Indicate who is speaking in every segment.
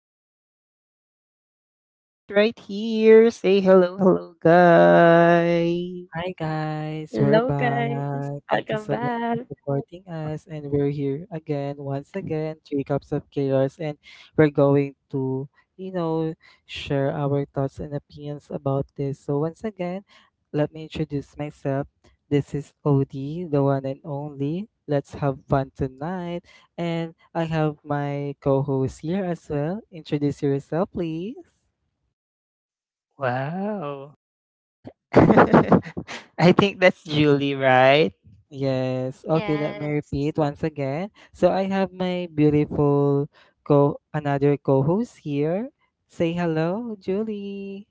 Speaker 1: I have my two beautiful co hosts right here. Say hello, hello, guys.
Speaker 2: Hi guys, we're back. Thank you so much for supporting us, and we're here again, once again, three cups of chaos, and we're going to, you know, share our thoughts and opinions about this. So once again, let me introduce myself. This is Odie, the one and only. Let's have fun tonight, and I have my co-host here as well. Introduce yourself, please.
Speaker 1: Wow. I think that's Julie, right?
Speaker 2: Yes. Okay, let me repeat once again. So I have my beautiful co another co-host here. Say hello, Julie.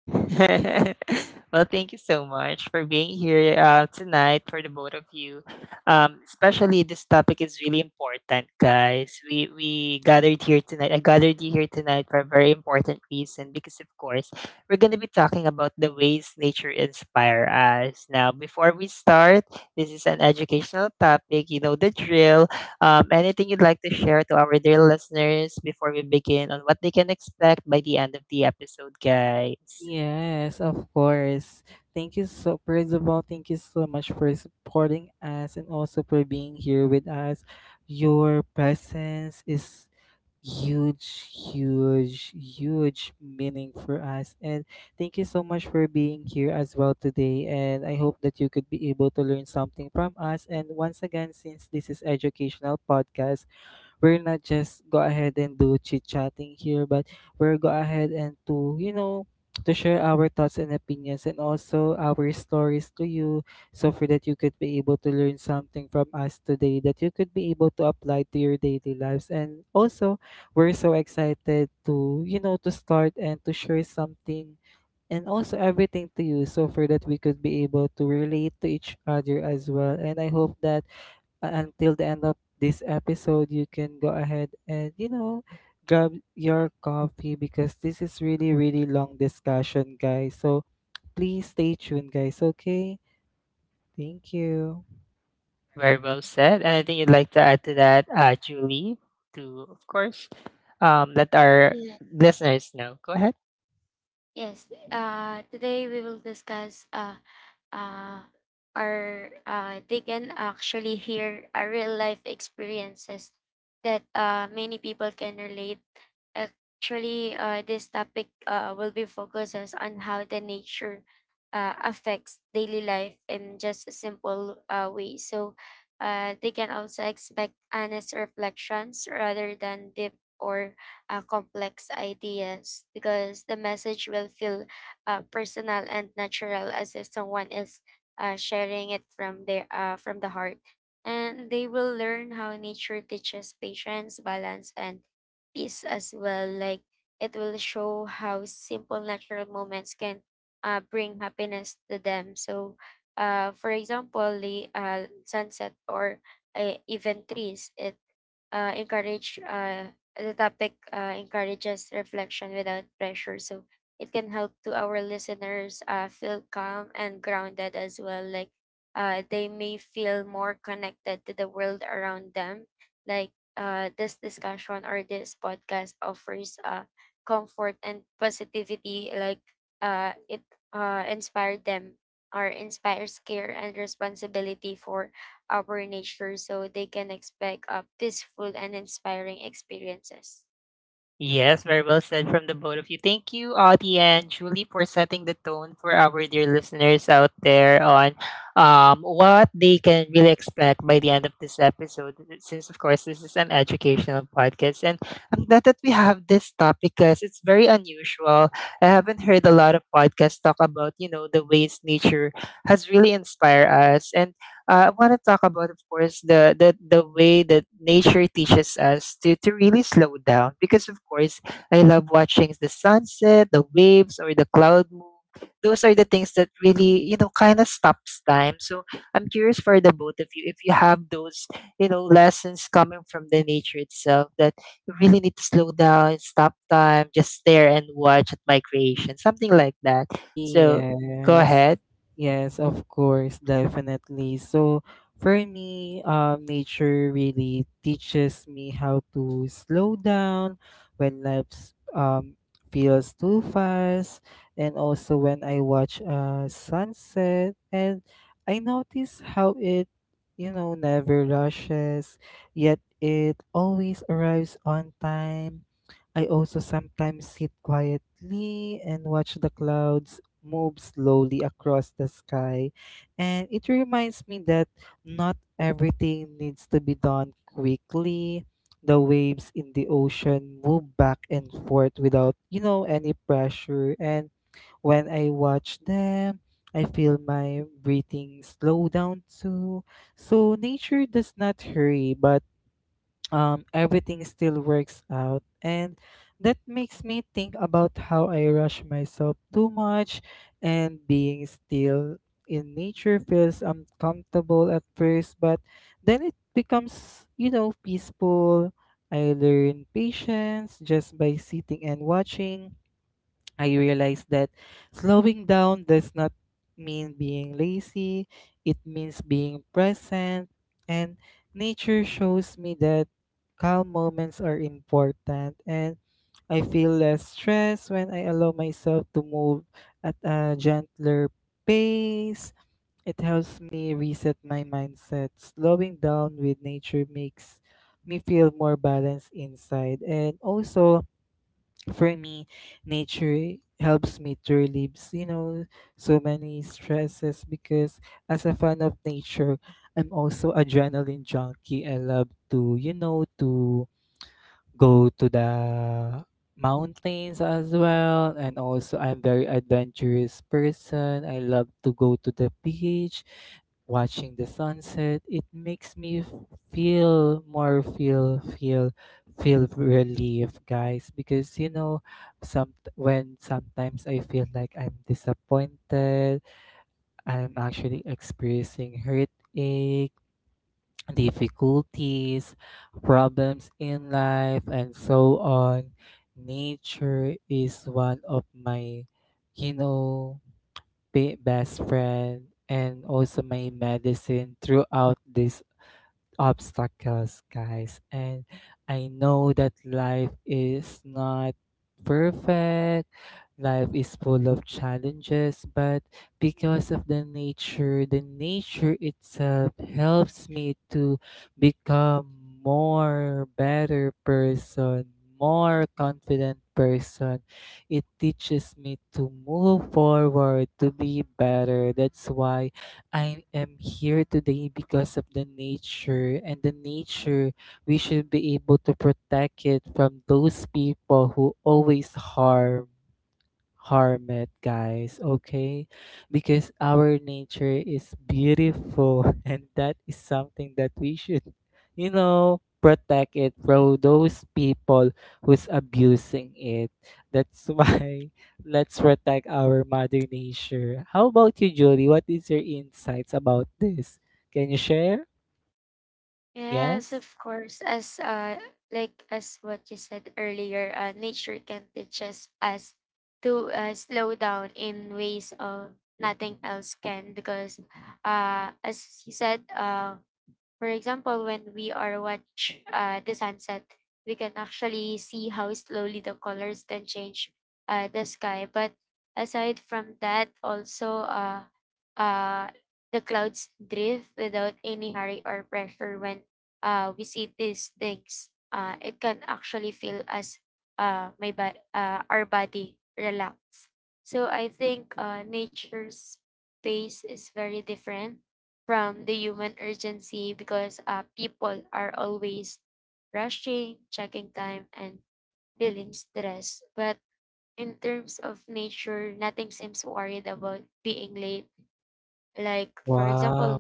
Speaker 1: Well, thank you so much for being here tonight for the both of you. Especially this topic is really important, guys. We gathered here tonight. I gathered you here tonight for a very important reason because, of course, we're going to be talking about the ways nature inspire us. Now, before we start, this is an educational topic. You know the drill. Anything you'd like to share to our dear listeners before we begin on what they can expect by the end of the episode, guys?
Speaker 2: Yes, of course. Thank you so first of all, thank you so much for supporting us and also for being here with us. Your presence is huge meaning for us, and thank you so much for being here as well today, and I hope that you could be able to learn something from us. And once again, since this is educational podcast, we're not just go ahead and do chit chatting here, but we're go ahead and to to share our thoughts and opinions and also our stories to you, so for that you could be able to learn something from us today that you could be able to apply to your daily lives. And also we're so excited to you know to start and to share something and also everything to you, so for that we could be able to relate to each other as well. And I hope that until the end of this episode, you can go ahead and, grab your coffee because this is really, really long discussion, guys. So please stay tuned, guys. Okay. Thank you.
Speaker 1: Very well said. Anything you'd like to add to that, Julie, to, of course, let our listeners know? Go ahead. Yes, very well said from the both of you. Thank you, Audie and Julie, for setting the tone for our dear listeners out there on what they can really expect by the end of this episode. Since, of course, this is an educational podcast, and I'm glad that we have this topic because it's very unusual. I haven't heard a lot of podcasts talk about, you know, the ways nature has really inspired us, and I want to talk about, of course, the way that nature teaches us to really slow down. Because of course, I love watching the sunset, the waves, or the cloud move. Those are the things that really, you know, kind of stops time. So I'm curious for the both of you if you have those, you know, lessons coming from the nature itself that you really need to slow down, stop time, just stare and watch at my creation, something like that. So go
Speaker 2: Yes.
Speaker 1: ahead.
Speaker 2: Yes, of course, definitely. So for me, nature really teaches me how to slow down when life feels too fast, and also when I watch a sunset, and I notice how it, never rushes, yet it always arrives on time. I also sometimes sit quietly and watch the clouds move slowly across the sky. And it reminds me that not everything needs to be done quickly. The waves in the ocean move back and forth without, any pressure. And when I watch them, I feel my breathing slow down too. So nature does not hurry, but everything still works out. And that makes me think about how I rush myself too much, and being still in nature feels uncomfortable at first, but then it becomes, peaceful. I learn patience just by sitting and watching. I realized that slowing down does not mean being lazy, it means being present. And nature shows me that calm moments are important. And I feel less stress when I allow myself to move at a gentler pace. It helps me reset my mindset. Slowing down with nature makes me feel more balanced inside. And also, for me, nature helps me to relieve, so many stresses because as a fan of nature, I'm also adrenaline junkie. I love to, to go to the mountains as well, and also I'm very adventurous person. I love to go to the beach, watching the sunset. It makes me f- feel more feel feel feel relief, guys, because you know sometimes I feel like I'm disappointed, I'm actually experiencing hurt difficulties, problems in life, and so on. Nature is one of my, you know, best friend and also my medicine throughout this obstacles, guys. And I know that life is not perfect, life is full of challenges, but because of the nature itself helps me to become more better person, more confident person. It teaches me to move forward, to be better. That's why I am here today because of the nature, and the nature we should be able to protect it from those people who always harm it, guys, okay? Because our nature is beautiful and that is something that we should, protect it from those people who's abusing it. That's why let's protect our mother nature. How about you, Julie? What is your insights about this? Can you share? Yes? Wow.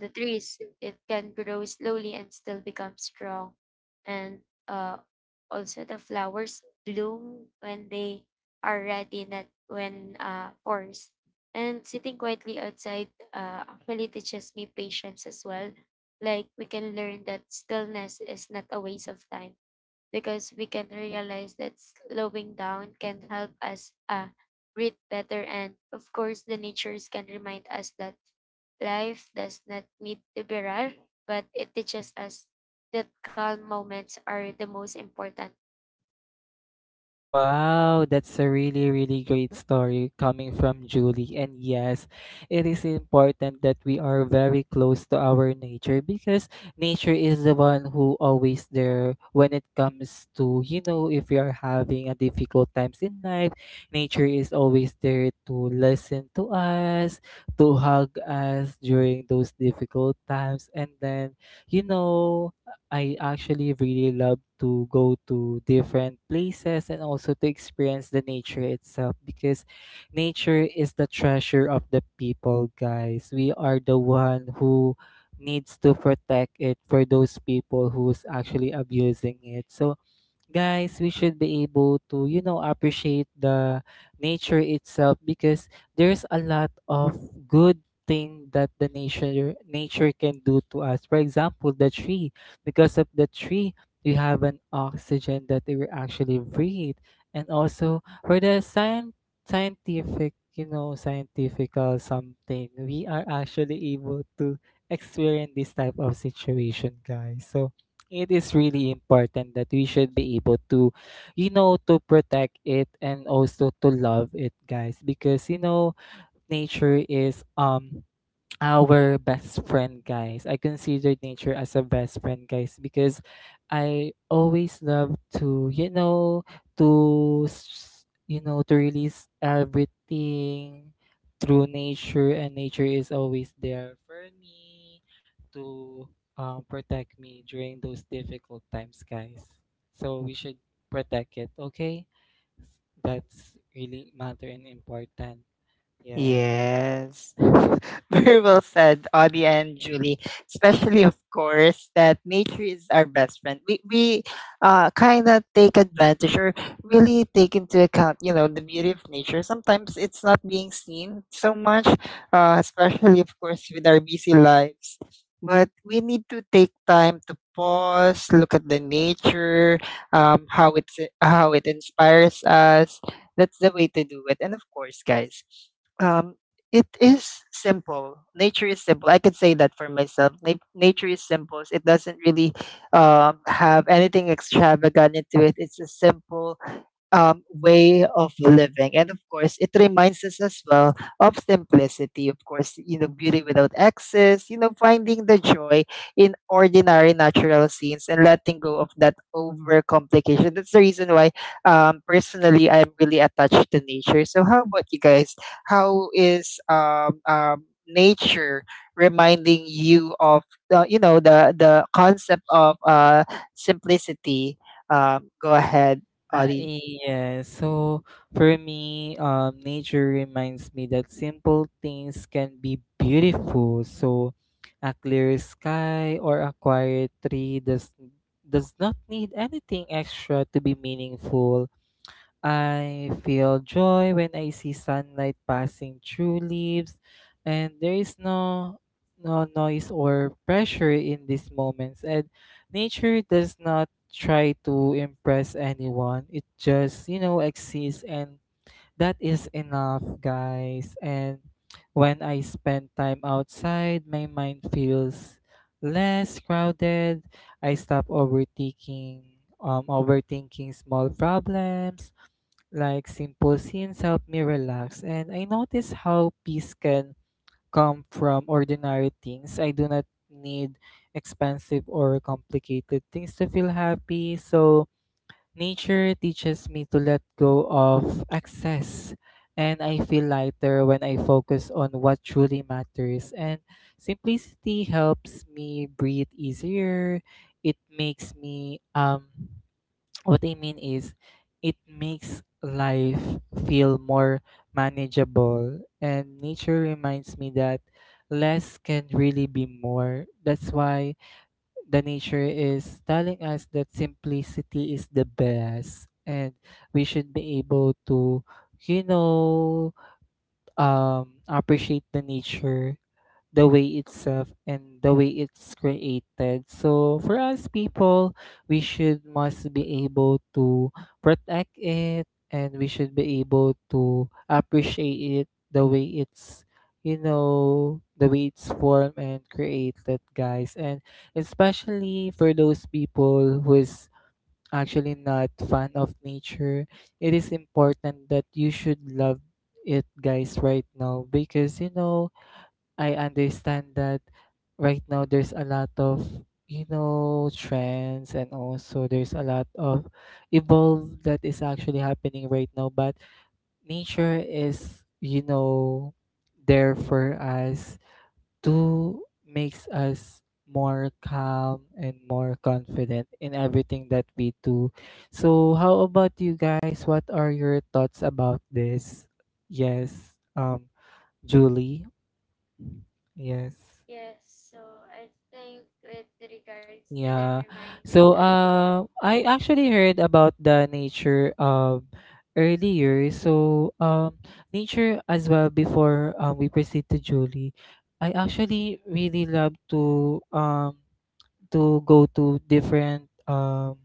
Speaker 2: Wow, that's a really, really great story coming from Julie. And yes, it is important that we are very close to our nature because nature is the one who always there when it comes to, if we are having a difficult times in life, nature is always there to listen to us, to hug us during those difficult times. And then, you know, I actually really love to go to different places and also to experience the nature itself because nature is the treasure of the people, guys. We are the one who needs to protect it for those people who's actually abusing it. So guys, we should be able to appreciate the nature itself because there's a lot of good thing that the nature can do to us. For example, the tree. Because of the tree, we have an oxygen that we actually breathe. And also, for the scientific scientifical something, we are actually able to experience this type of situation, guys. So it is really important that we should be able to, to protect it and also to love it, guys, because you know nature is our best friend, guys. I consider nature as a best friend, guys, because I always love to, to, to release everything through nature, and nature is always there for me to protect me during those difficult times, guys. So we should protect it, okay? That's really matter and important. Yeah.
Speaker 1: Yes. Very well said, Audie and Julie. Especially, of course, that nature is our best friend. We kind of take advantage or really take into account, you know, the beauty of nature. Sometimes it's not being seen so much, especially, of course, with our busy lives. But we need to take time to pause, look at the nature, how, it's, how it inspires us. That's the way to do it. And of course, guys, um, it is simple. Nature is simple. I could say that for myself. Nature is simple. It doesn't really have anything extravagant into it. It's a simple way of living. And of course, it reminds us as well of simplicity. Of course, you know, beauty without excess, you know, finding the joy in ordinary natural scenes and letting go of that overcomplication. That's the reason why, personally, I'm really attached to nature. So, how about you guys? How is nature reminding you of the, you know, the concept of simplicity? Go ahead, Ollie.
Speaker 2: Yeah, so for me, nature reminds me that simple things can be beautiful. So, a clear sky or a quiet tree does not need anything extra to be meaningful. I feel joy when I see sunlight passing through leaves, and there is no noise or pressure in these moments. And nature does not try to impress anyone. It just, exists, and that is enough, guys. And when I spend time outside, my mind feels less crowded. I stop overthinking small problems. Like simple scenes help me relax, and I notice how peace can come from ordinary things. I do not need expensive or complicated things to feel happy. So, nature teaches me to let go of excess, and I feel lighter when I focus on what truly matters. And simplicity helps me breathe easier. It makes me what I mean is it makes life feel more manageable, and nature reminds me that less can really be more. That's why the nature is telling us that simplicity is the best, and we should be able to, you know appreciate the nature the way itself and the way it's created. So for us people, we should must be able to protect it, and we should be able to appreciate it the way it's, the way it's formed and created, guys. And especially for those people who is actually not fan of nature, it is important that you should love it, guys, right now, because you know I understand that right now there's a lot of, trends, and also there's a lot of evolve that is actually happening right now. But nature is, there for us to makes us more calm and more confident in everything that we do. So how about you guys, what are your thoughts about this? Yes. Julie. Yes.
Speaker 3: Yes, so I think with regards to the
Speaker 2: Yeah.
Speaker 3: reminding
Speaker 2: So
Speaker 3: us of
Speaker 2: I actually heard about the nature earlier. So nature as well before we proceed to Julie. I actually really love to go to different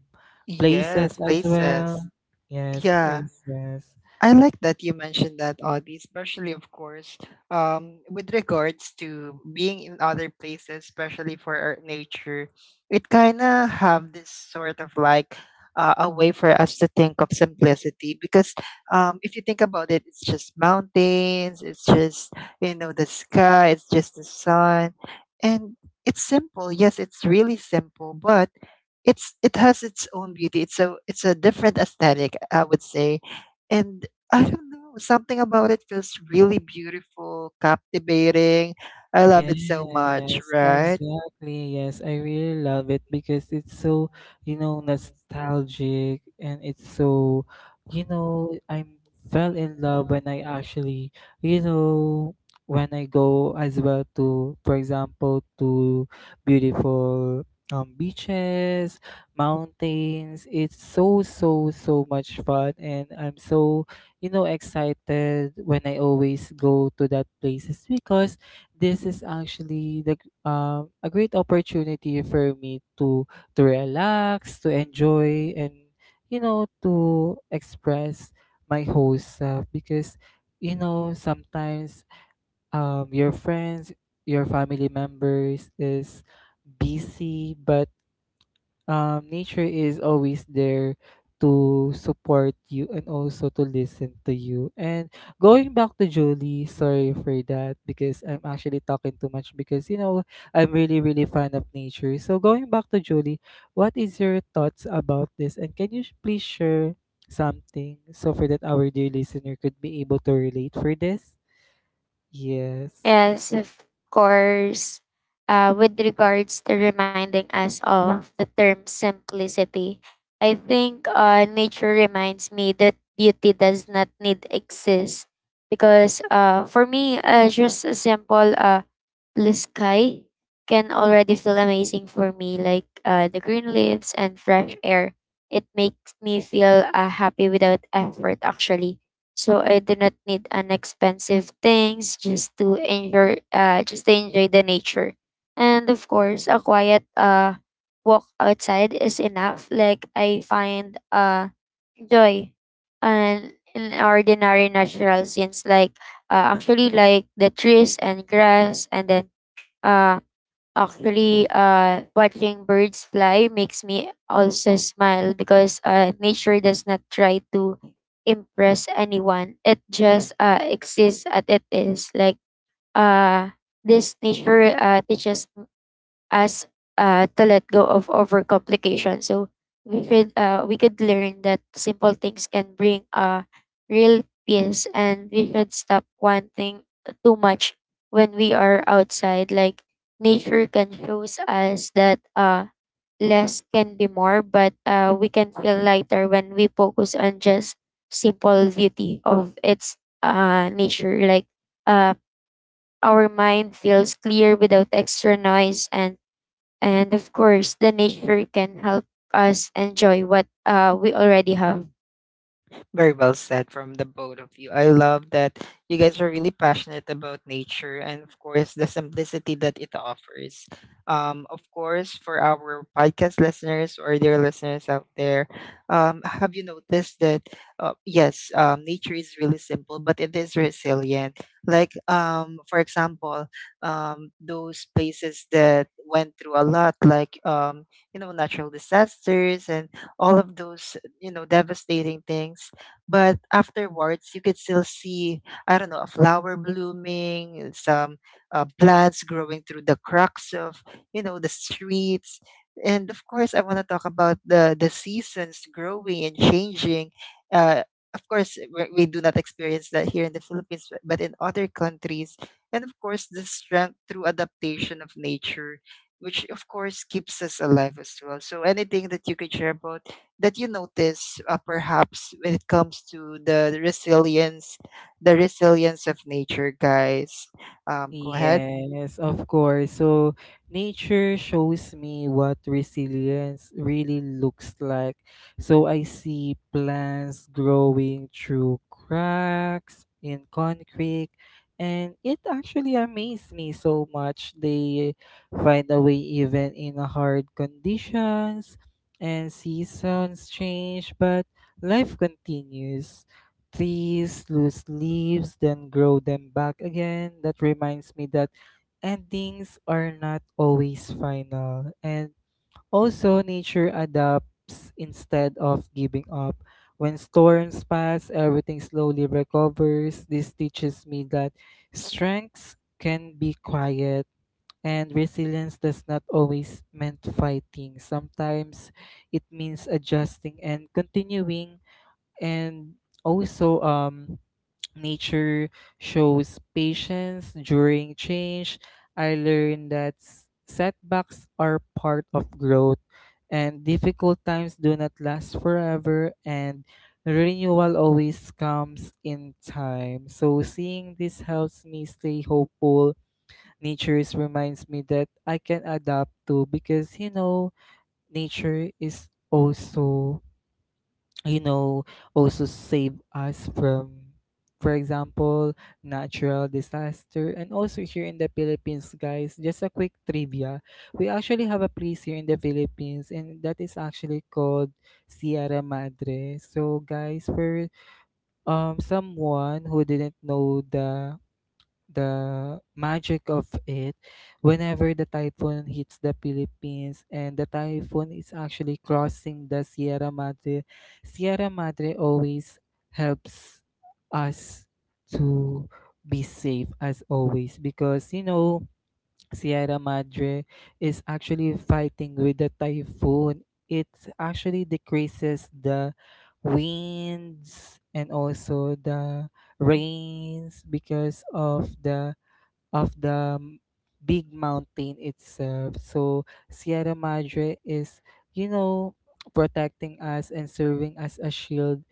Speaker 2: places
Speaker 1: Yes,
Speaker 2: as well.
Speaker 1: places.
Speaker 2: Yes,
Speaker 1: Yeah.
Speaker 2: places.
Speaker 1: I like that you mentioned that, Audie, especially, of course, with regards to being in other places, especially for our nature, it kind of have this sort of like a way for us to think of simplicity because if you think about it, it's just mountains, it's just, you know, the sky, it's just the sun. And it's simple. Yes, it's really simple, but it has its own beauty. It's a different aesthetic, I would say, and I don't know, something about it feels really beautiful, captivating. I love it so much,
Speaker 2: Yes,
Speaker 1: right?
Speaker 2: exactly. Yes, I really love it because it's so, nostalgic, and it's so, I fell in love when I actually, you know, when I go as well to, for example, to beautiful beaches, mountains. It's so, so, so much fun, and I'm so, excited when I always go to that places because this is actually the a great opportunity for me to relax, to enjoy, and to express my whole self, because you know sometimes your friends, your family members is busy, but nature is always there to support you and also to listen to you. And going back to Julie, sorry for that because I'm actually talking too much because you know I'm really really fan of nature. So going back to Julie, what is your thoughts about this? And can you please share something, so for that our dear listener could be able to relate for this? Yes.
Speaker 3: yes, of course. With regards to reminding us of the term simplicity, I think nature reminds me that beauty does not need exist because for me, just a simple blue sky can already feel amazing for me, like the green leaves and fresh air. It makes me feel happy without effort, actually. So I do not need an expensive things just to enjoy the nature. And of course, a quiet walk outside is enough. Like I find joy and in ordinary natural scenes like actually like the trees and grass and then uh actually, watching birds fly makes me also smile because nature does not try to impress anyone. It just exists as it is. Like uh, this nature teaches us to let go of overcomplication. So we could learn that simple things can bring a real peace, and we should stop wanting too much when we are outside. Like nature can shows us that less can be more, but we can feel lighter when we focus on just simple beauty of its nature. Like uh, our mind feels clear without extra noise and of course the nature can help us enjoy what we already have.
Speaker 1: Very well said from the both of you. I love that you guys are really passionate about nature and, of course, the simplicity that it offers. Of course, for our podcast listeners or their listeners out there, have you noticed that, yes, nature is really simple, but it is resilient. Like, for example, those places that went through a lot, like, you know, natural disasters and all of those, you know, devastating things, but afterwards, you could still see, I don't know, a flower blooming, some plants growing through the cracks of, you know, the streets. And of course, I want to talk about the seasons growing and changing. Uh, of course, we do not experience that here in the Philippines, but in other countries. And of course, the strength through adaptation of nature, which of course keeps us alive as well. So anything that you could share about that you notice perhaps when it comes to the resilience of nature, guys? Go ahead.
Speaker 2: Yes, of course. So nature shows me what resilience really looks like. So I see plants growing through cracks in concrete, and it actually amazed me so much. They find a way even in a hard conditions, and seasons change, but life continues. Trees lose leaves, then grow them back again. That reminds me that endings are not always final. And also, nature adapts instead of giving up. When storms pass, everything slowly recovers. This teaches me that strengths can be quiet and resilience does not always meant fighting. Sometimes it means adjusting and continuing. And also nature shows patience during change. I learned that setbacks are part of growth and difficult times do not last forever, and renewal always comes in time. So seeing this helps me stay hopeful. Reminds me that I can adapt to because nature is also, you know also save us from, for example, natural disaster. And also here in the Philippines, guys, just a quick trivia, we actually have a place here in the Philippines and that is actually called Sierra Madre. So guys, for someone who didn't know the magic of it, whenever the typhoon hits the Philippines and the typhoon is actually crossing the Sierra Madre, Sierra Madre always helps us to be safe as always because you know Sierra Madre is actually fighting with the typhoon. It actually decreases the winds and also the rains because of the of the m- big mountain itself. So Sierra Madre is, you know, protecting us and serving as a shield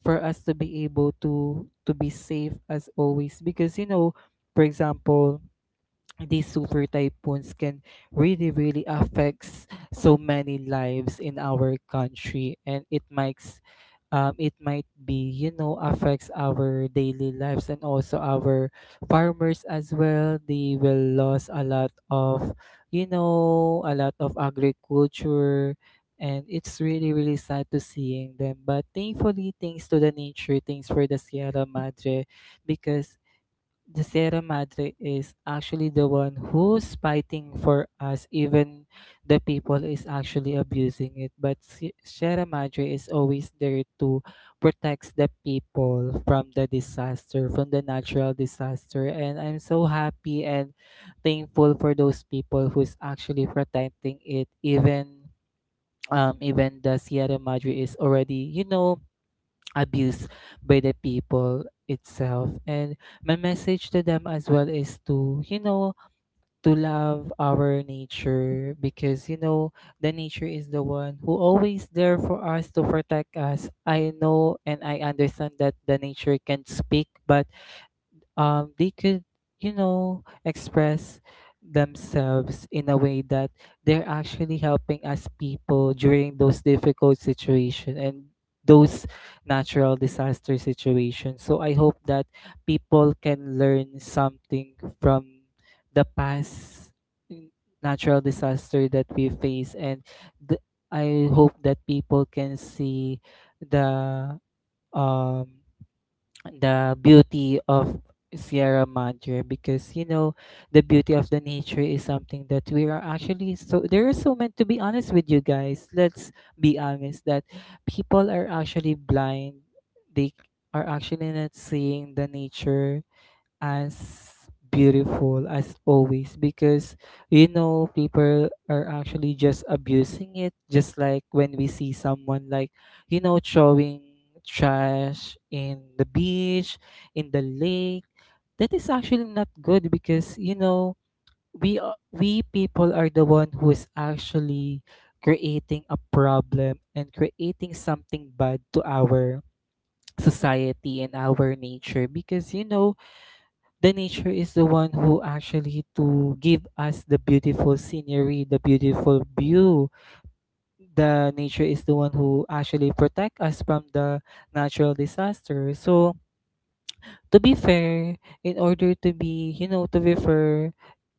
Speaker 2: for us to be able to be safe as always because, you know, for example, these super typhoons can really really affects so many lives in our country, and it makes it might be, you know, affects our daily lives and also our farmers as well. They will lose a lot of, a lot of agriculture, and it's really really sad to seeing them. But thankfully, thanks to the nature, thanks for the Sierra Madre, because the Sierra Madre is actually the one who's fighting for us, even the people is actually abusing it. But Sierra Madre is always there to protect the people from the disaster, from the natural disaster. And I'm so happy and thankful for those people who's actually protecting it, even even the Sierra Madre is already, you know, abused by the people itself. And my message to them as well is to, to love our nature because you know the nature is the one who always there for us to protect us. I know and I understand that the nature can speak, but they could, you know, express themselves in a way that they're actually helping us people during those difficult situations and those natural disaster situations. So I hope that people can learn something from the past n- natural disaster that we face. And th- I hope that people can see the um the beauty of Sierra Madre because you know the beauty of the nature is something that we are actually so there is so meant. To be honest with you guys, let's be honest that people are actually blind. They are actually not seeing the nature as beautiful as always because you know people are actually just abusing it. Just like when we see someone like, you know, throwing trash in the beach, in the lake, that is actually not good because you know we people are the one who is actually creating a problem and creating something bad to our society and our nature because you know the nature is the one who actually to give us the beautiful scenery, the beautiful view. The nature is the one who actually protect us from the natural disaster. So to be fair, in order to be, you know, to be fair,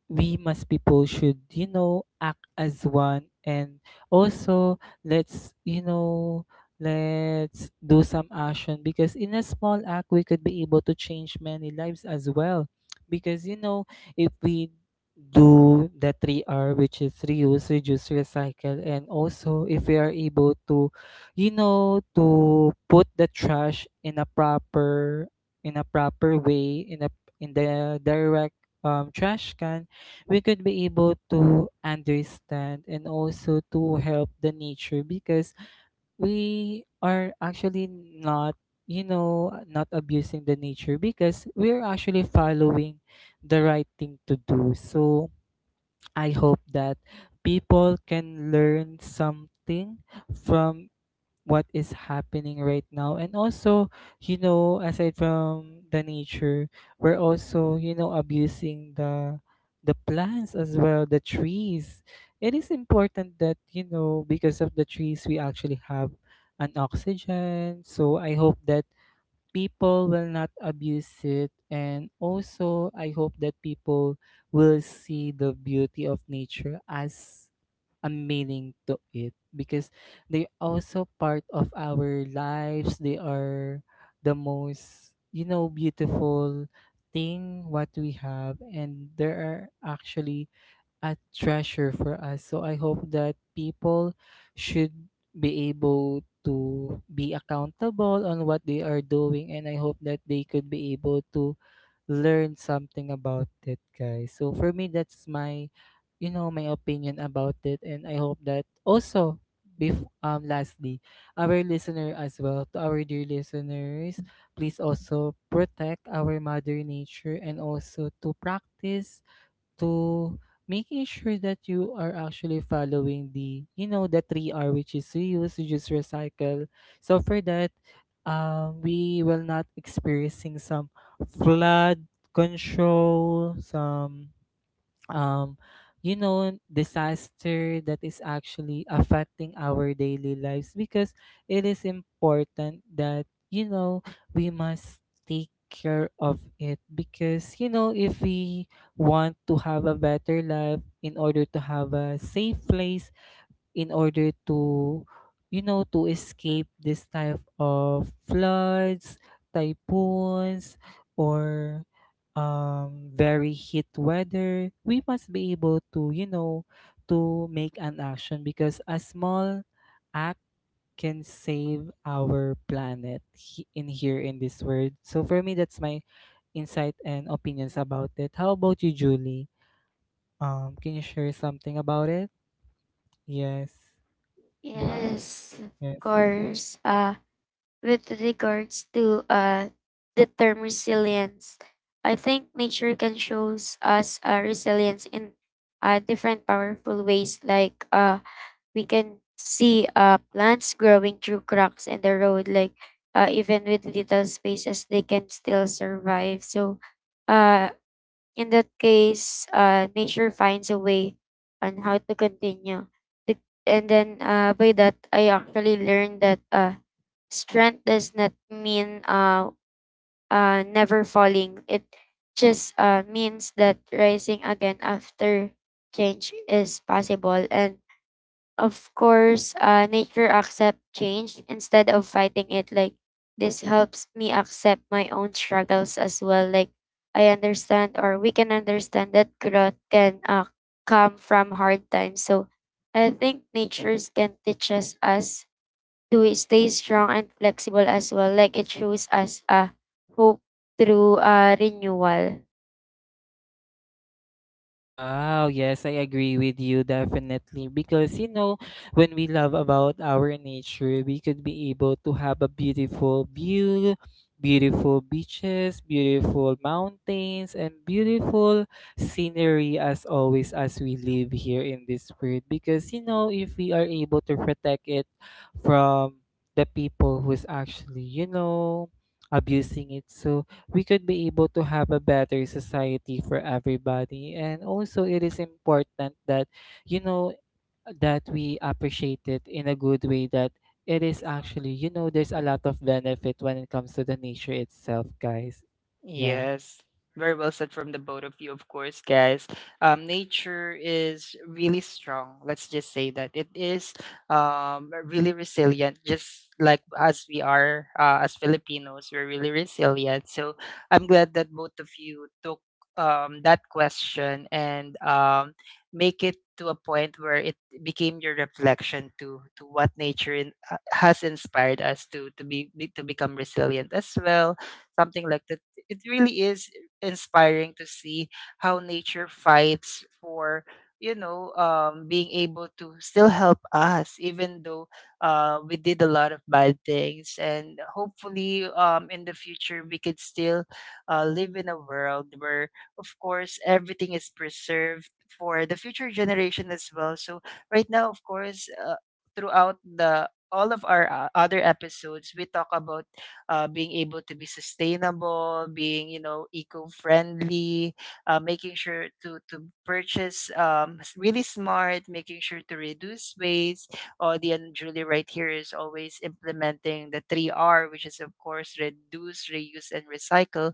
Speaker 2: we must people should you know act as one. And also, let's, let's do some action because in a small act we could be able to change many lives as well because you know if we do the 3R, which is reuse, reduce, recycle. And also, if we are able to, to put the trash in a proper, way, in the direct, trash can, we could be able to understand and also to help the nature because we are actually not, not abusing the nature because we're actually following the right thing to do. So I hope that people can learn something from what is happening right now. And also, you know, aside from the nature, we're also, you know, abusing the plants as well, the trees. It is important that, you know, because of the trees we actually have an oxygen. So I hope that people will not abuse it, and also I hope that people will see the beauty of nature as a meaning to it because they also part of our lives. They are the most, you know, beautiful thing what we have, and they are actually a treasure for us. So I hope that people should be able to be accountable on what they are doing, and I hope that they could be able to learn something about it, guys. So for me, that's my, you know, my opinion about it, and I hope that also, lastly, our listener as well, to our dear listeners, please also protect our mother nature, and also to practice to making sure that you are actually following the, you know, the three R, which is reuse, reduce, recycle. So for that, we will not experiencing some flood control, some um you know disaster that is actually affecting our daily lives because it is important that, you know, we must take care of it because you know if we want to have a better life, in order to have a safe place, in order to, you know, to escape this type of floods, typhoons, or very heat weather, we must be able to, to make an action because a small act can save our planet, in here in this world. So for me, that's my insight and opinions about it. How about you, Julie? Can you share something about it? Yes. Mm-hmm.
Speaker 3: Yes, of
Speaker 2: Yes.
Speaker 3: course. With regards to the term resilience, I think nature can shows us resilience in different powerful ways, like we can see plants growing through cracks in the road. Like even with little spaces they can still survive, so uh, in that case, nature finds a way on how to continue. And then by that, I actually learned that strength does not mean never falling. It just means that rising again after change is possible. And of course, nature accept change instead of fighting it. Like this helps me accept my own struggles as well. Like I understand, or we can understand that growth can come from hard times. So I think natures can teach us to stay strong and flexible as well. Like it shows us a hope through renewal.
Speaker 2: Wow, yes, I agree with you definitely because you know when we love about our nature, we could be able to have a beautiful view, beautiful beaches, beautiful mountains, and beautiful scenery as always as we live here in this world because you know if we are able to protect it from the people who's actually, you know, abusing it, so we could be able to have a better society for everybody. And also, it is important that, you know, that we appreciate it in a good way, that it is actually, you know, there's a lot of benefit when it comes to the nature itself, guys. Yeah.
Speaker 1: Yes. Very well said from the both of you, of course, guys. Nature is really strong. Let's just say that it is really resilient, just like as we are, as Filipinos, we're really resilient. So I'm glad that both of you took that question and make it to a point where it became your reflection to what nature in, has inspired us to to become resilient as well, something like it really is inspiring to see how nature fights for, you know, being able to still help us even though we did a lot of bad things, and hopefully in the future we could still live in a world where of course everything is preserved for the future generation as well. So right now, of course, throughout the all of our other episodes, we talk about being able to be sustainable, being, you know, eco-friendly, making sure to purchase really smart, making sure to reduce waste. The And Julie right here is always implementing the three R, which is of course reduce, reuse, and recycle.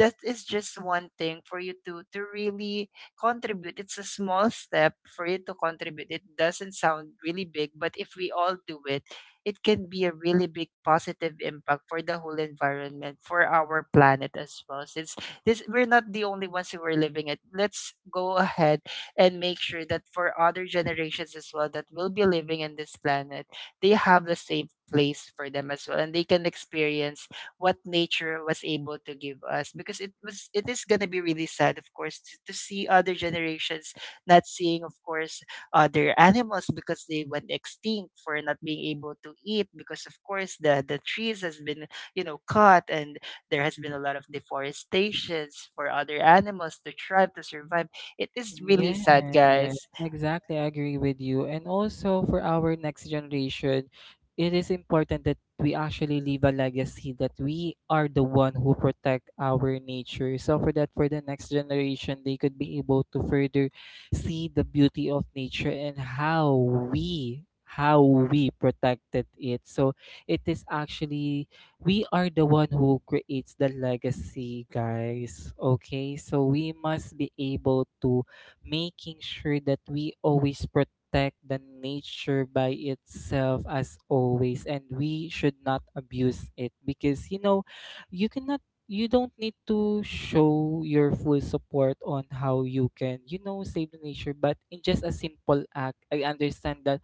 Speaker 1: That is just one thing for you to really contribute. It's a small step for you to contribute. It doesn't sound really big, but if we all do it, it can be a really big positive impact for the whole environment, for our planet as well, since this we're not the only ones who are living it. Let's go ahead and make sure that for other generations as well that will be living in this planet, they have the same place for them as well, and they can experience what nature was able to give us, because it was it is going to be really sad, of course, to see other generations not seeing, of course, other animals because they went extinct for not being able to eat because, of course, the trees has been, you know, cut, and there has been a lot of deforestations for other animals to thrive to survive. It is really
Speaker 2: Yes,
Speaker 1: sad, guys.
Speaker 2: exactly. I agree with you. And also, for our next generation, it is important that we actually leave a legacy that we are the one who protect our nature. So for that, for the next generation, they could be able to further see the beauty of nature and how we protected it. So it is actually we are the one who creates the legacy, guys. Okay, so we must be able to making sure that we always protect the nature by itself as always, and we should not abuse it because you know you cannot you don't need to show your full support on how you can, you know, save the nature, but in just a simple act. I understand that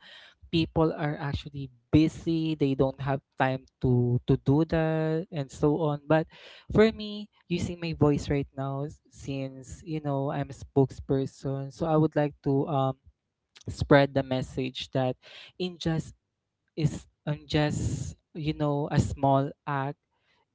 Speaker 2: people are actually busy, they don't have time to do that and so on. But for me, using my voice right now, since, you know, I'm a spokesperson, so I would like to spread the message that in just is on just, you know, a small act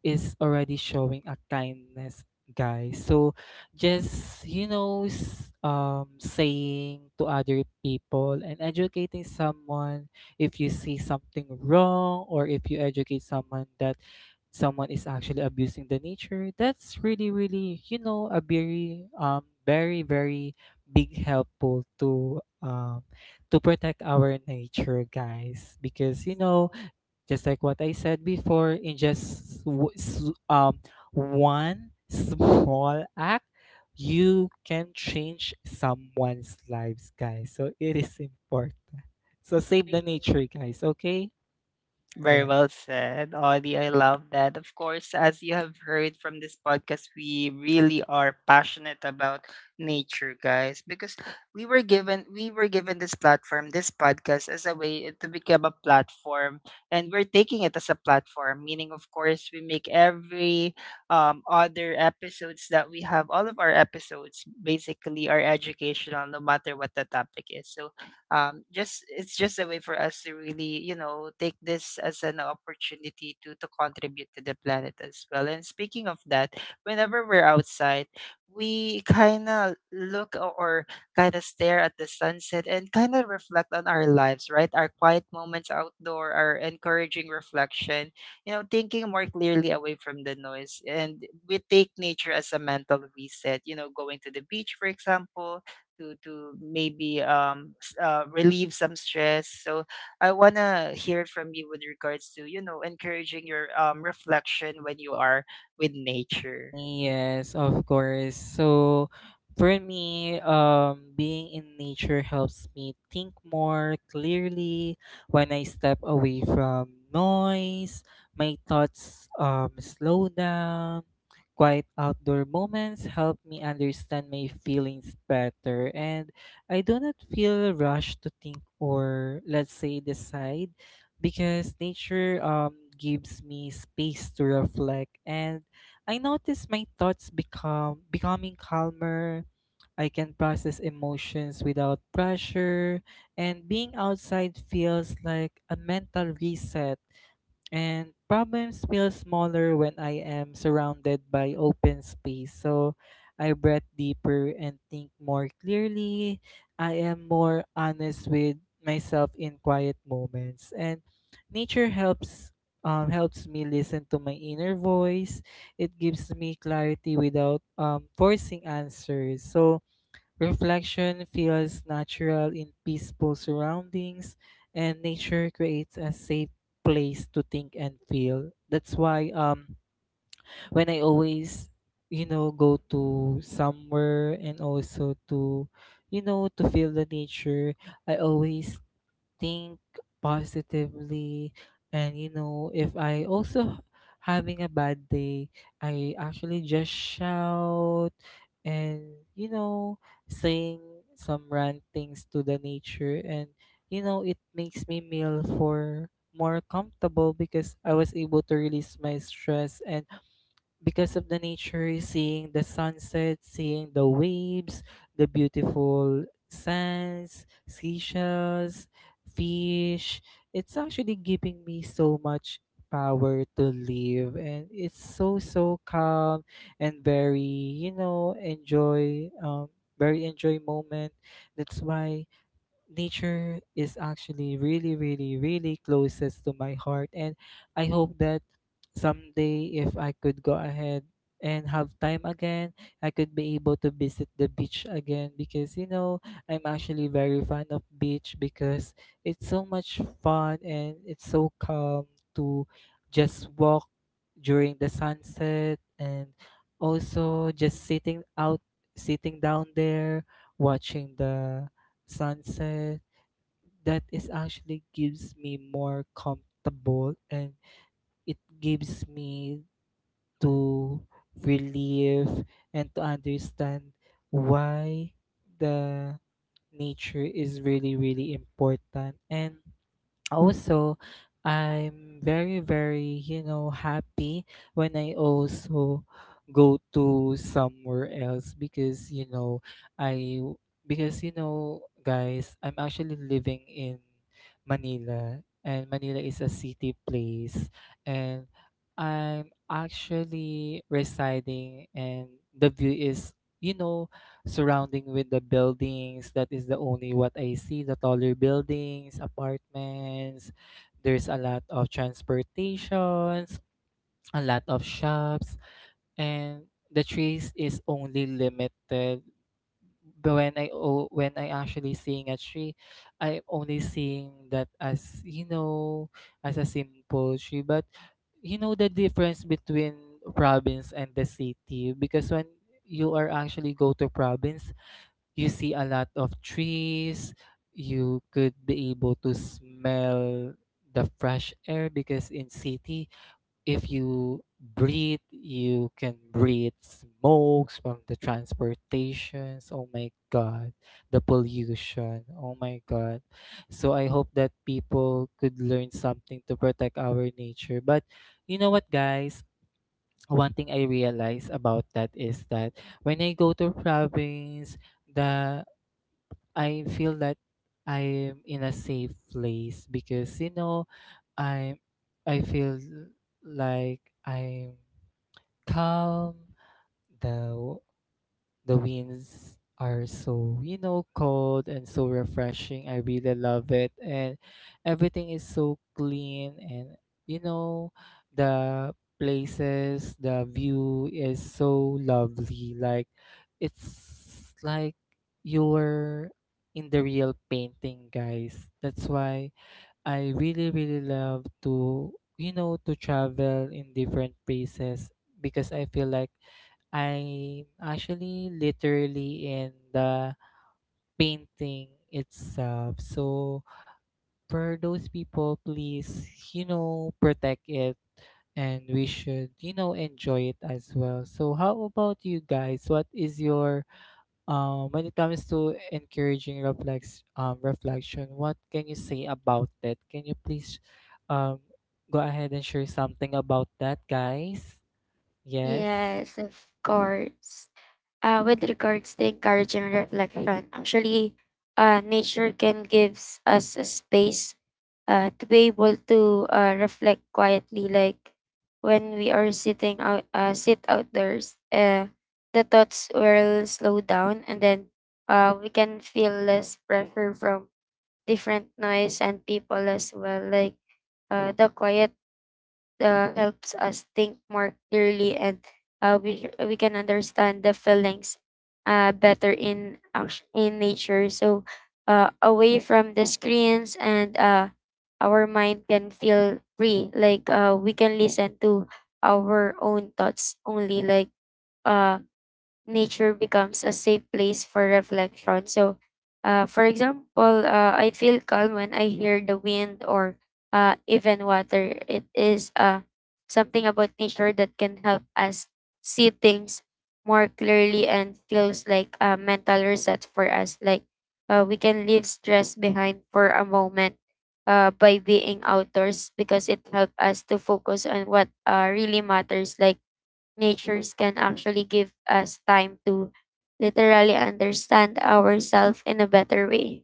Speaker 2: is already showing a kindness, guys. So just, you know, saying to other people and educating someone, if you see something wrong or if you educate someone that someone is actually abusing the nature, that's really really you know a very very big helpful to protect our nature, guys, because you know just like what I said before, in just one small act, you can change someone's lives, guys. So it is important. So save the nature, guys. Okay?
Speaker 1: Very
Speaker 2: Yeah.
Speaker 1: well said, Audie. I love that. Of course, as you have heard from this podcast, we really are passionate about nature, guys, because we were given this platform, this podcast, as a way to become a platform, and we're taking it as a platform. Meaning, of course, we make every other episodes that we have. All of our episodes basically are educational, no matter what the topic is. So just it's just a way for us to really, you know, take this as an opportunity to contribute to the planet as well. And speaking of that, whenever we're outside, we kind of look o- or kind of stare at the sunset and kind of reflect on our lives, right? Our quiet moments outdoor, our encouraging reflection, you know, thinking more clearly away from the noise, and we take nature as a mental reset, you know, going to the beach, for example, to maybe helps relieve some stress. So I wanna hear from you with regards to, you know, encouraging your reflection when you are with nature.
Speaker 2: Yes, of course. So for me, being in nature helps me think more clearly. When I step away from noise, my thoughts slow down. Quiet outdoor moments help me understand my feelings better, and I do not feel rushed to think or, let's say, decide because nature gives me space to reflect, and I notice my thoughts become becoming calmer. I can process emotions without pressure, and being outside feels like a mental reset, and problems feel smaller when I am surrounded by open space. So I breathe deeper and think more clearly. I am more honest with myself in quiet moments, and nature helps. Helps me listen to my inner voice. It gives me clarity without forcing answers. Reflection feels natural in peaceful surroundings, and nature creates a safe place to think and feel. That's why when I always, you know, go to somewhere and also to, you know, to feel the nature, I always think positively. And you know, if I also having a bad day, I actually just shout and, you know, saying some rant things to the nature. And you know, it makes me feel for more comfortable because I was able to release my stress and because of the nature, seeing the sunset, seeing the waves, the beautiful sands, seashells, fish. It's actually giving me so much power to live, and it's so so calm and very, you know, enjoy very enjoy moment. That's why nature is actually really really really closest to my heart, and I hope that someday if I could go ahead and have time again, I could be able to visit the beach again. Because you know, I'm actually very fan of beach because it's so much fun and it's so calm to just walk during the sunset, and also just sitting out, sitting down there watching the sunset. That is actually gives me more comfortable, and it gives me to relieve and to understand why the nature is really really important. And also I'm very very, you know, happy when I also go to somewhere else. Because you know, i, because you know guys, I'm actually living in manila, and manila is a city place, and I'm actually residing. And the view is, you know, surrounding with the buildings. That is the only what I see, the taller buildings, apartments, there's a lot of transportations, a lot of shops, and the trees is only limited. But when I o- when I actually seeing a tree, I'm only seeing that as, you know, as a simple tree. But you know, the difference between province and the city, because when you are actually go to province, you see a lot of trees. You could be able to smell the fresh air, because in city, if you breathe, you can breathe smokes from the transportations. Oh my God, the pollution. Oh my God. So I hope that people could learn something to protect our nature. But you know what, guys? One thing I realize about that is that when I go to province, the I feel that I'm in a safe place because you know I I feel like I'm calm. The the winds are so, you know, cold and so refreshing. I really love it. And everything is so clean and, you know, the places, the view is so lovely. Like it's like you're in the real painting, guys. That's why I really, really love to, you know, to travel in different places because I feel like I'm actually literally in the painting itself. So for those people, please, you know, protect it, and we should, you know, enjoy it as well. So how about you guys? What is your when it comes to encouraging reflex reflection, what can you say about that? Can you please um, go ahead and share something about that, guys? Yes.
Speaker 3: Yes, of course. With regards to encouraging reflection, actually, nature can gives us a space to be able to reflect quietly. Like when we are sitting out, sit outdoors, the thoughts will slow down, and then we can feel less pressure from different noise and people as well. Like the quiet helps us think more clearly and we can understand the feelings better in nature, so away from the screens and our mind can feel free. Like we can listen to our own thoughts only. Like uh, nature becomes a safe place for reflection. So, for example, I feel calm when I hear the wind or even water. It is something about nature that can help us see things more clearly and feels like a mental reset for us. Like we can leave stress behind for a moment. By being outdoors, because it helps us to focus on what really matters. Like natures can actually give us time to literally understand ourselves in a better way.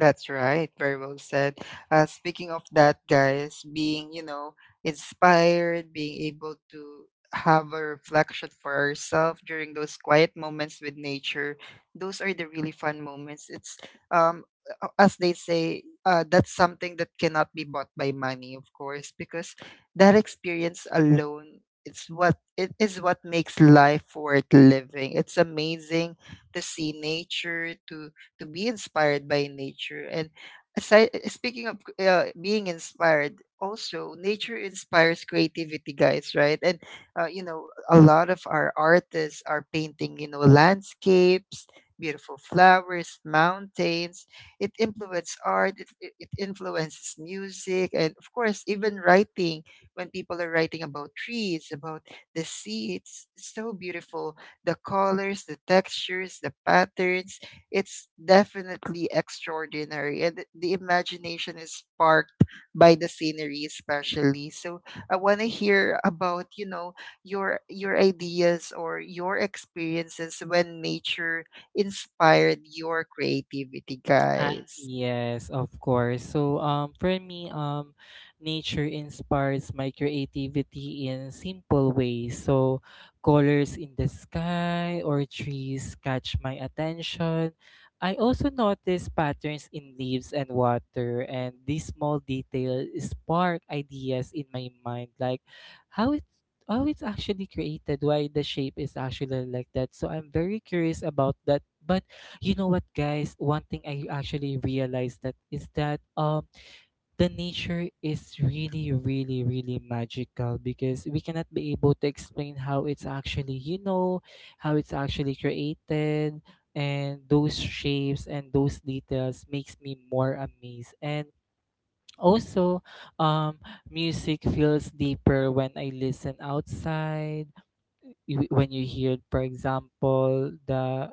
Speaker 1: That's right. Very well said. Speaking of that, guys, being, you know, inspired, being able to have a reflection for ourselves during those quiet moments with nature, those are the really fun moments. It's, um, as they say, that's something that cannot be bought by money, of course, because that experience alone. It is what makes life worth living. It's amazing to see nature, to be inspired by nature. And aside, speaking of being inspired, also nature inspires creativity, guys, right? And you know, a lot of our artists are painting, you know, landscapes, beautiful flowers, mountains. It influences art. It influences music, and of course, even writing. When people are writing about trees, about the sea, it's so beautiful. The colors, the textures, the patterns, it's definitely extraordinary, and the imagination is sparked by the scenery especially. So I want to hear about, you know, your ideas or your experiences when nature inspired your creativity, guys.
Speaker 2: Yes, of course. So for me, nature inspires my creativity in simple ways. So colors in the sky or trees catch my attention. I also notice patterns in leaves and water, and these small details spark ideas in my mind, like how it, how it's actually created, why the shape is actually like that. So I'm very curious about that. But you know what, guys? One thing I actually realized that is that the nature is really, really, really magical because we cannot be able to explain how it's actually, you know, how it's actually created, and those shapes and those details makes me more amazed. And also um music feels deeper when I listen outside. When you hear, for example,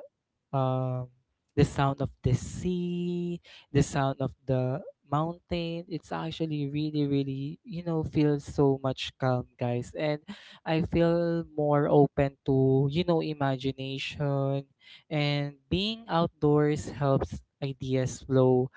Speaker 2: um, the sound of the sea, the sound of the mountain. It's actually really, really, you know, feels so much calm, guys. And I feel more open to, you know, imagination. And being outdoors helps ideas flow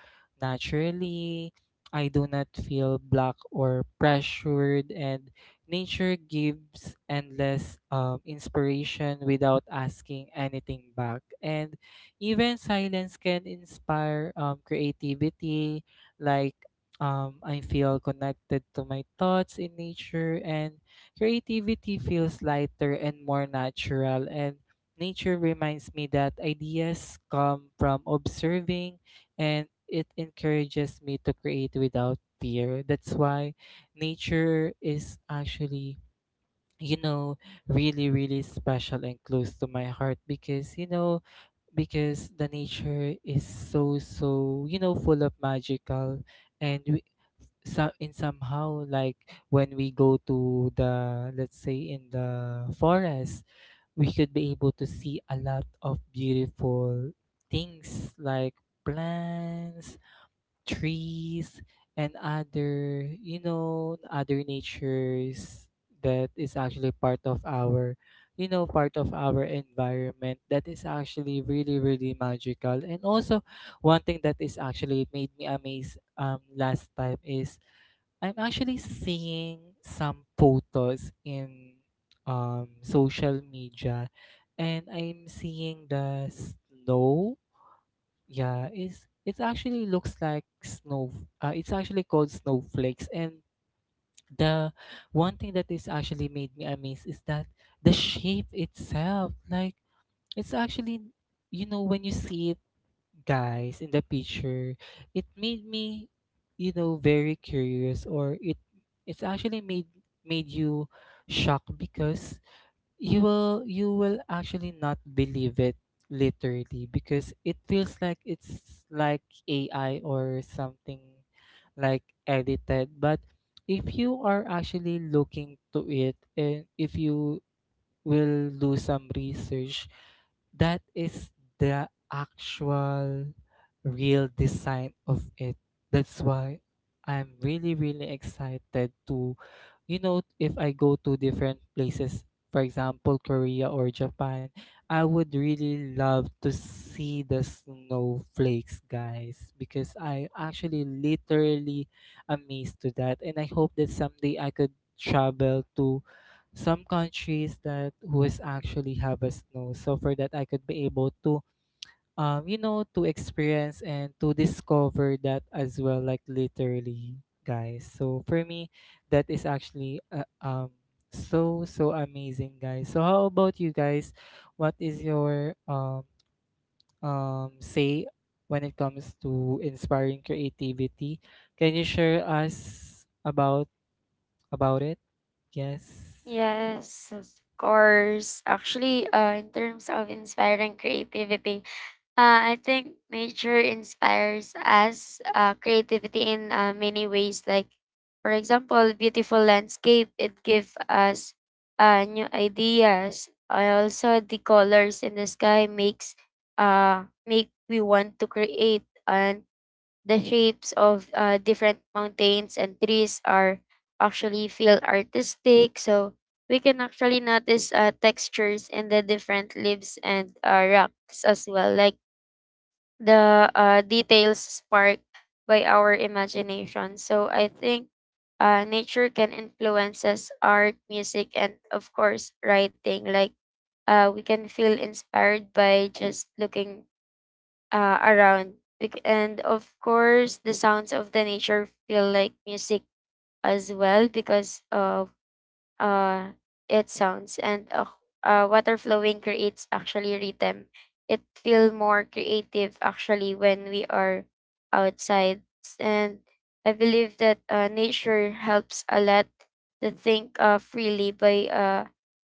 Speaker 2: naturally. I do not feel blocked or pressured, and nature gives endless inspiration without asking anything back. And even silence can inspire creativity. Like, I feel connected to my thoughts in nature, and creativity feels lighter and more natural. And nature reminds me that ideas come from observing, and it encourages me to create without fear. That's why nature is actually, you know, really really special and close to my heart. Because you know, because the nature is so so, you know, full of magical. And we, so in somehow, like when we go to the, let's say in the forest, we could be able to see a lot of beautiful things like plants, trees, and other, you know, other natures that is actually part of our, you know, part of our environment. That is actually really really magical. And also, one thing that is actually made me amazed last time is I'm actually seeing some photos in social media, and I'm seeing the snow. Yeah, it's it actually looks like snow. It's actually called snowflakes, and the one thing that is actually made me amazed is that the shape itself. Like it's actually, you know, when you see it, guys, in the picture, it made me, you know, very curious. Or it, it's actually made, made you shocked because you will, you will actually not believe it literally, because it feels like it's like AI or something like edited. But if you are actually looking to it, and if you will do some research, that is the actual real design of it. That's why I'm really, really excited to, you know, if I go to different places, for example, Korea or Japan, I would really love to see the snowflakes, guys, because I actually literally amazed to that. And I hope that someday I could travel to some countries that who is actually have a snow, so for that I could be able to you know, to experience and to discover that as well, like literally, guys. So for me, that is actually so so amazing, guys. So how about you guys, what is your say when it comes to inspiring creativity? Can you share us about it? Yes.
Speaker 3: Yes, of course. Actually, in terms of inspiring creativity, I think nature inspires us creativity in many ways. Like, for example, beautiful landscape, it gives us new ideas. Also, the colors in the sky makes make we want to create. And the shapes of different mountains and trees are actually feel artistic. So we can actually notice textures in the different leaves and rocks as well, like the details sparked by our imagination. So I think nature can influence us art, music, and of course writing. Like we can feel inspired by just looking around. And of course, the sounds of the nature feel like music as well because uh, it sounds and water flowing creates actually rhythm. It feel more creative actually when we are outside, and I believe that nature helps a lot to think freely by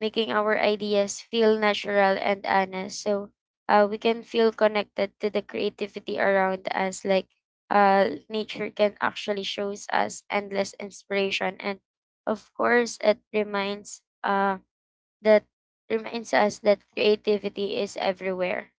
Speaker 3: making our ideas feel natural and honest. So we can feel connected to the creativity around us. Like nature can actually shows us endless inspiration, and of course, it that reminds us that creativity is everywhere.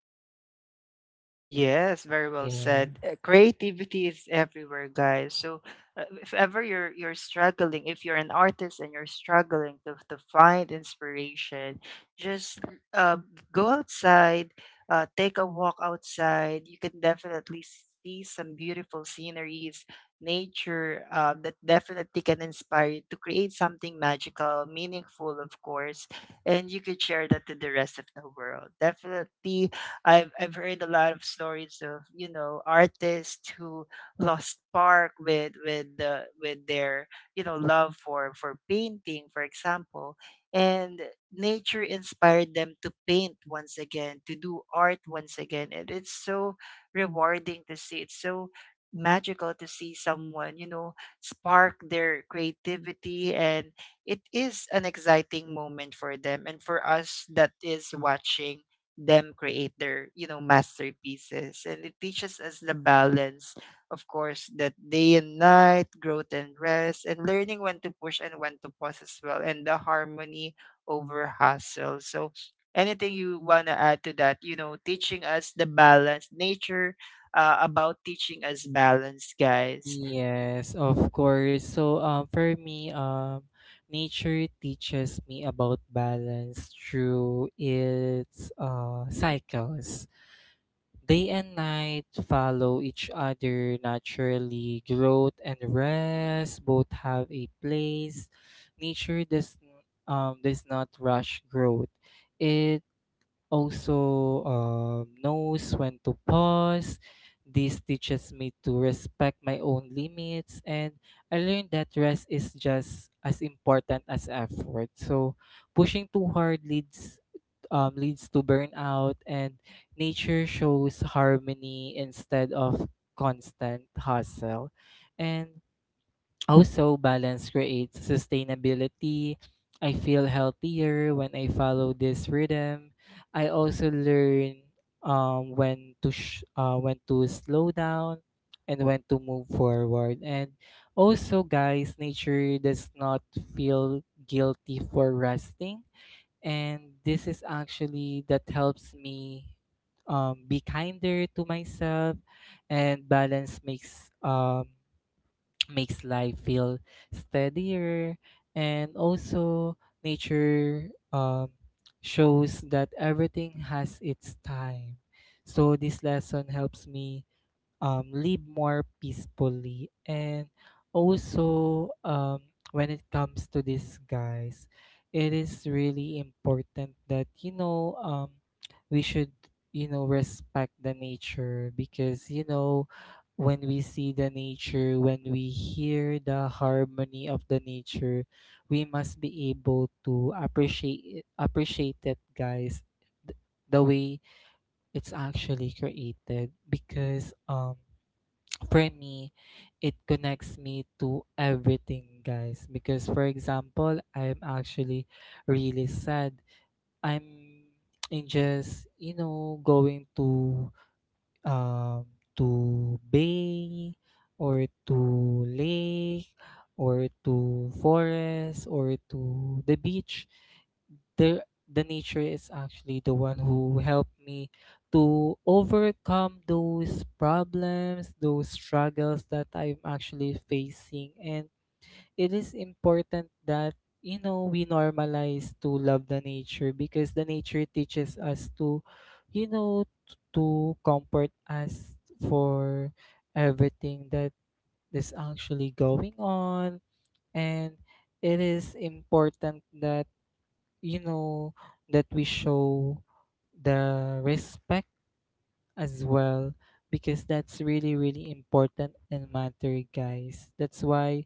Speaker 1: Yes, very well
Speaker 2: Yeah.
Speaker 1: said. Creativity is everywhere, guys. So, if ever you're struggling, if you're an artist and you're struggling to find inspiration, just uh, go outside, take a walk outside. You can definitely see some beautiful sceneries, nature, that definitely can inspire you to create something magical, meaningful, of course, and you could share that to the rest of the world. Definitely I've heard a lot of stories of, you know, artists who lost spark with the with their, you know, love for painting, for example, and nature inspired them to paint once again, to do art once again, and it's so rewarding to see. It's so magical to see someone, you know, spark their creativity, and it is an exciting moment for them and for us that is watching them create their, you know, masterpieces. And it teaches us the balance, of course, that day and night, growth and rest, and learning when to push and when to pause as well, and the harmony over hustle. So anything you want to add to that, you know, teaching us the balance, nature, about teaching us balance, guys?
Speaker 2: Yes, of course. So, for me, nature teaches me about balance through its cycles. Day and night follow each other naturally. Growth and rest both have a place. Nature does not rush growth. It also knows when to pause. This teaches me to respect my own limits, and I learned that rest is just as important as effort. So, pushing too hard leads to burnout, and nature shows harmony instead of constant hustle. And also, balance creates sustainability. I feel healthier when I follow this rhythm. I also learn when to when to slow down and when to move forward. And also, guys, nature does not feel guilty for resting, and this is actually that helps me be kinder to myself, and balance makes life feel steadier. And also nature shows that everything has its time, so this lesson helps me live more peacefully. And also, when it comes to this, guys, it is really important that, you know, we should, you know, respect the nature. Because, you know, when we see the nature, when we hear the harmony of the nature, we must be able to appreciate it, appreciate it, guys, th- the way it's actually created. Because for me, it connects me to everything, guys. Because, for example, I'm actually really sad. I'm in just, you know, going um to bay, or to lake, or to forest, or to the beach. the the nature is actually the one who helped me to overcome those problems, those struggles that I'm actually facing. And it is important that you know, we normalize to love the nature, because the nature teaches us to, you know, to comfort us for everything that is actually going on. And it is important that you know, that we show the respect as well, because that's really really important and matter, guys. That's why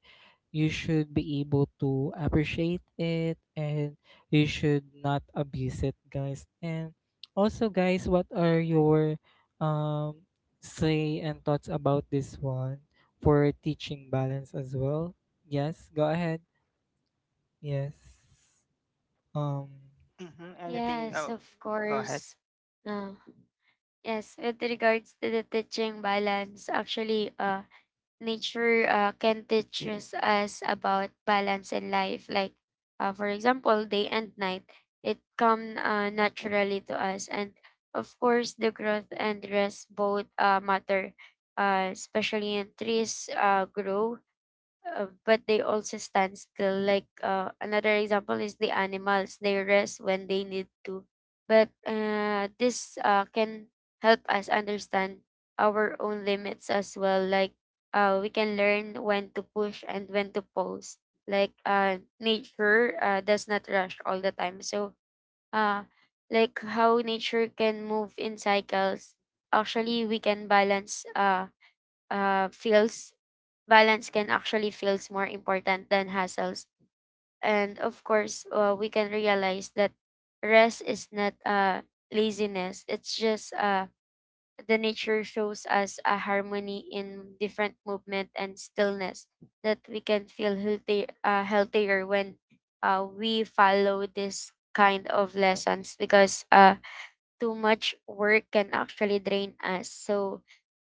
Speaker 2: you should be able to appreciate it, and you should not abuse it, guys. And also, guys, what are your um say and thoughts about this one for teaching balance as well? Yes, go ahead. yes um
Speaker 1: Anything?
Speaker 3: Yes,
Speaker 1: Oh,
Speaker 3: of
Speaker 1: go ahead.
Speaker 3: course. Uh, yes, with regards to the teaching balance, actually, nature can teach us about balance in life. Like, for example, day and night, it come naturally to us, and of course, the growth and rest both matter. Especially in trees grow, but they also stand still. Like another example is the animals. They rest when they need to. But this can help us understand our own limits as well. Like we can learn when to push and when to pause. Like nature does not rush all the time. So uh, like how nature can move in cycles. Actually, we can balance fields, balance can actually feels more important than hassles. And of course, we can realize that rest is not laziness. It's just the nature shows us a harmony in different movement and stillness, that we can feel healthy, healthier when we follow this kind of lessons, because too much work can actually drain us. So,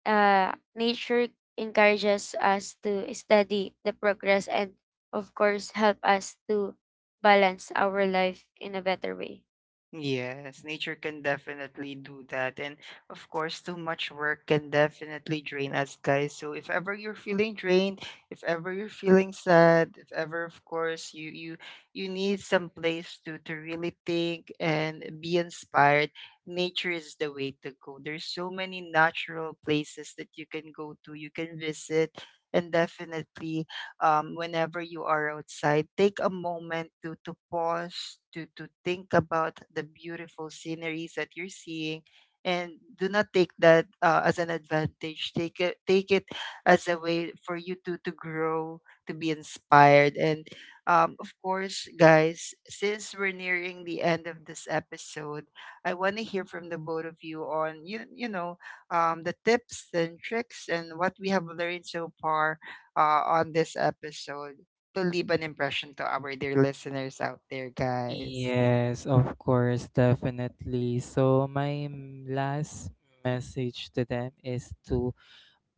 Speaker 3: nature encourages us to study the progress and, of course, help us to balance our life in a better way.
Speaker 1: Yes, nature can definitely do that. And of course, too much work can definitely drain us, guys. So if ever you're feeling drained, if ever you're feeling sad, if ever, of course, you you need some place to really think and be inspired, nature is the way to go. There's so many natural places that you can go to, you can visit, and definitely whenever you are outside, take a moment to pause, to think about the beautiful sceneries that you're seeing, and do not take that as an advantage. Take it as a way for you to grow, to be inspired, and of course, guys, since we're nearing the end of this episode, I want to hear from the both of you on you know, the tips and tricks and what we have learned so far on this episode to leave an impression to our dear listeners out there, guys.
Speaker 2: Yes, of course, definitely. So my last message to them is to,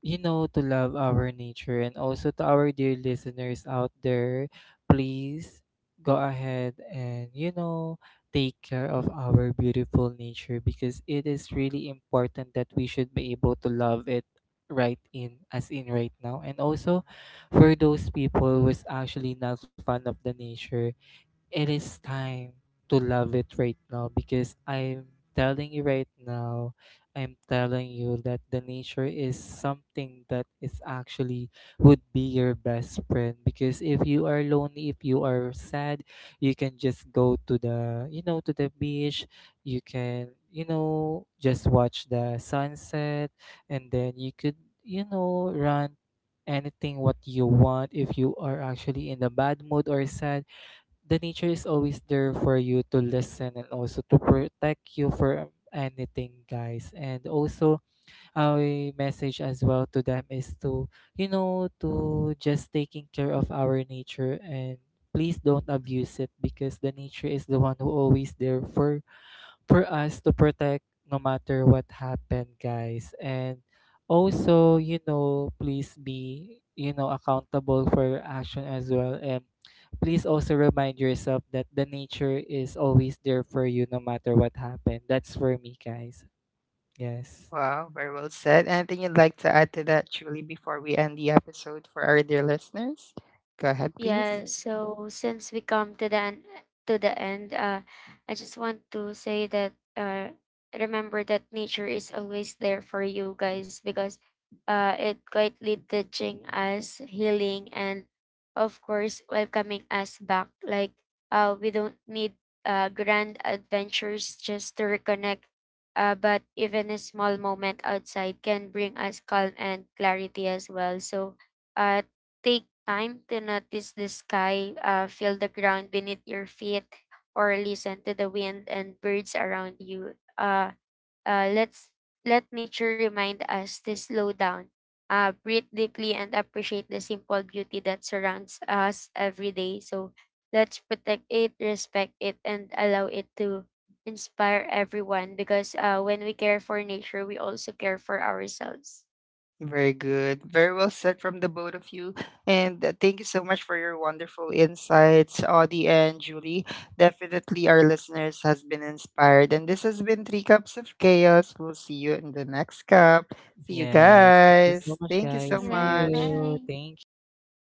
Speaker 2: you know, to love our nature. And also to our dear listeners out there, please go ahead and, you know, take care of our beautiful nature, because it is really important that we should be able to love it right in, as in right now. And also for those people who is actually not fond of the nature, it is time to love it right now. Because I'm telling you right now, I'm telling you that the nature is something that is actually would be your best friend. Because if you are lonely, if you are sad, you can just go to the, you know, to the beach, you can, you know, just watch the sunset, and then you could, you know, run anything what you want. If you are actually in a bad mood or sad, the nature is always there for you to listen and also to protect you from anything, guys. And also our message as well to them is to, you know, to just taking care of our nature, and please don't abuse it. Because the nature is the one who always there for us to protect no matter what happened, guys. And also, you know, please be, you know, accountable for your action as well. And please also remind yourself that the nature is always there for you no matter what happened. That's for me, guys. Yes.
Speaker 1: Wow, very well said. Anything you'd like to add to that, Julie, before we end the episode for our dear listeners? Go ahead, please.
Speaker 3: Yeah, so since we come to to the end, I just want to say that remember that nature is always there for you guys, because it quietly teaching us healing and of course welcoming us back. Like we don't need grand adventures just to reconnect, but even a small moment outside can bring us calm and clarity as well. So. Uh, Take time to notice the sky, feel the ground beneath your feet, or listen to the wind and birds around you. Uh, let's Let nature remind us to slow down, breathe deeply, and appreciate the simple beauty that surrounds us every day. So let's protect it, respect it, and allow it to inspire everyone, because when we care for nature, we also care for ourselves.
Speaker 1: Very good. Very well said from the both of you. And thank you so much for your wonderful insights, Audie and Julie. Definitely our listeners has been inspired. And this has been Three Cups of Chaos. We'll see you in the next cup. See you
Speaker 2: Yes. Thank you so
Speaker 1: guys.
Speaker 2: much,
Speaker 1: Thank you so
Speaker 2: guys. See
Speaker 3: Bye
Speaker 1: much.
Speaker 3: bye.
Speaker 2: you. Thank you. Bye.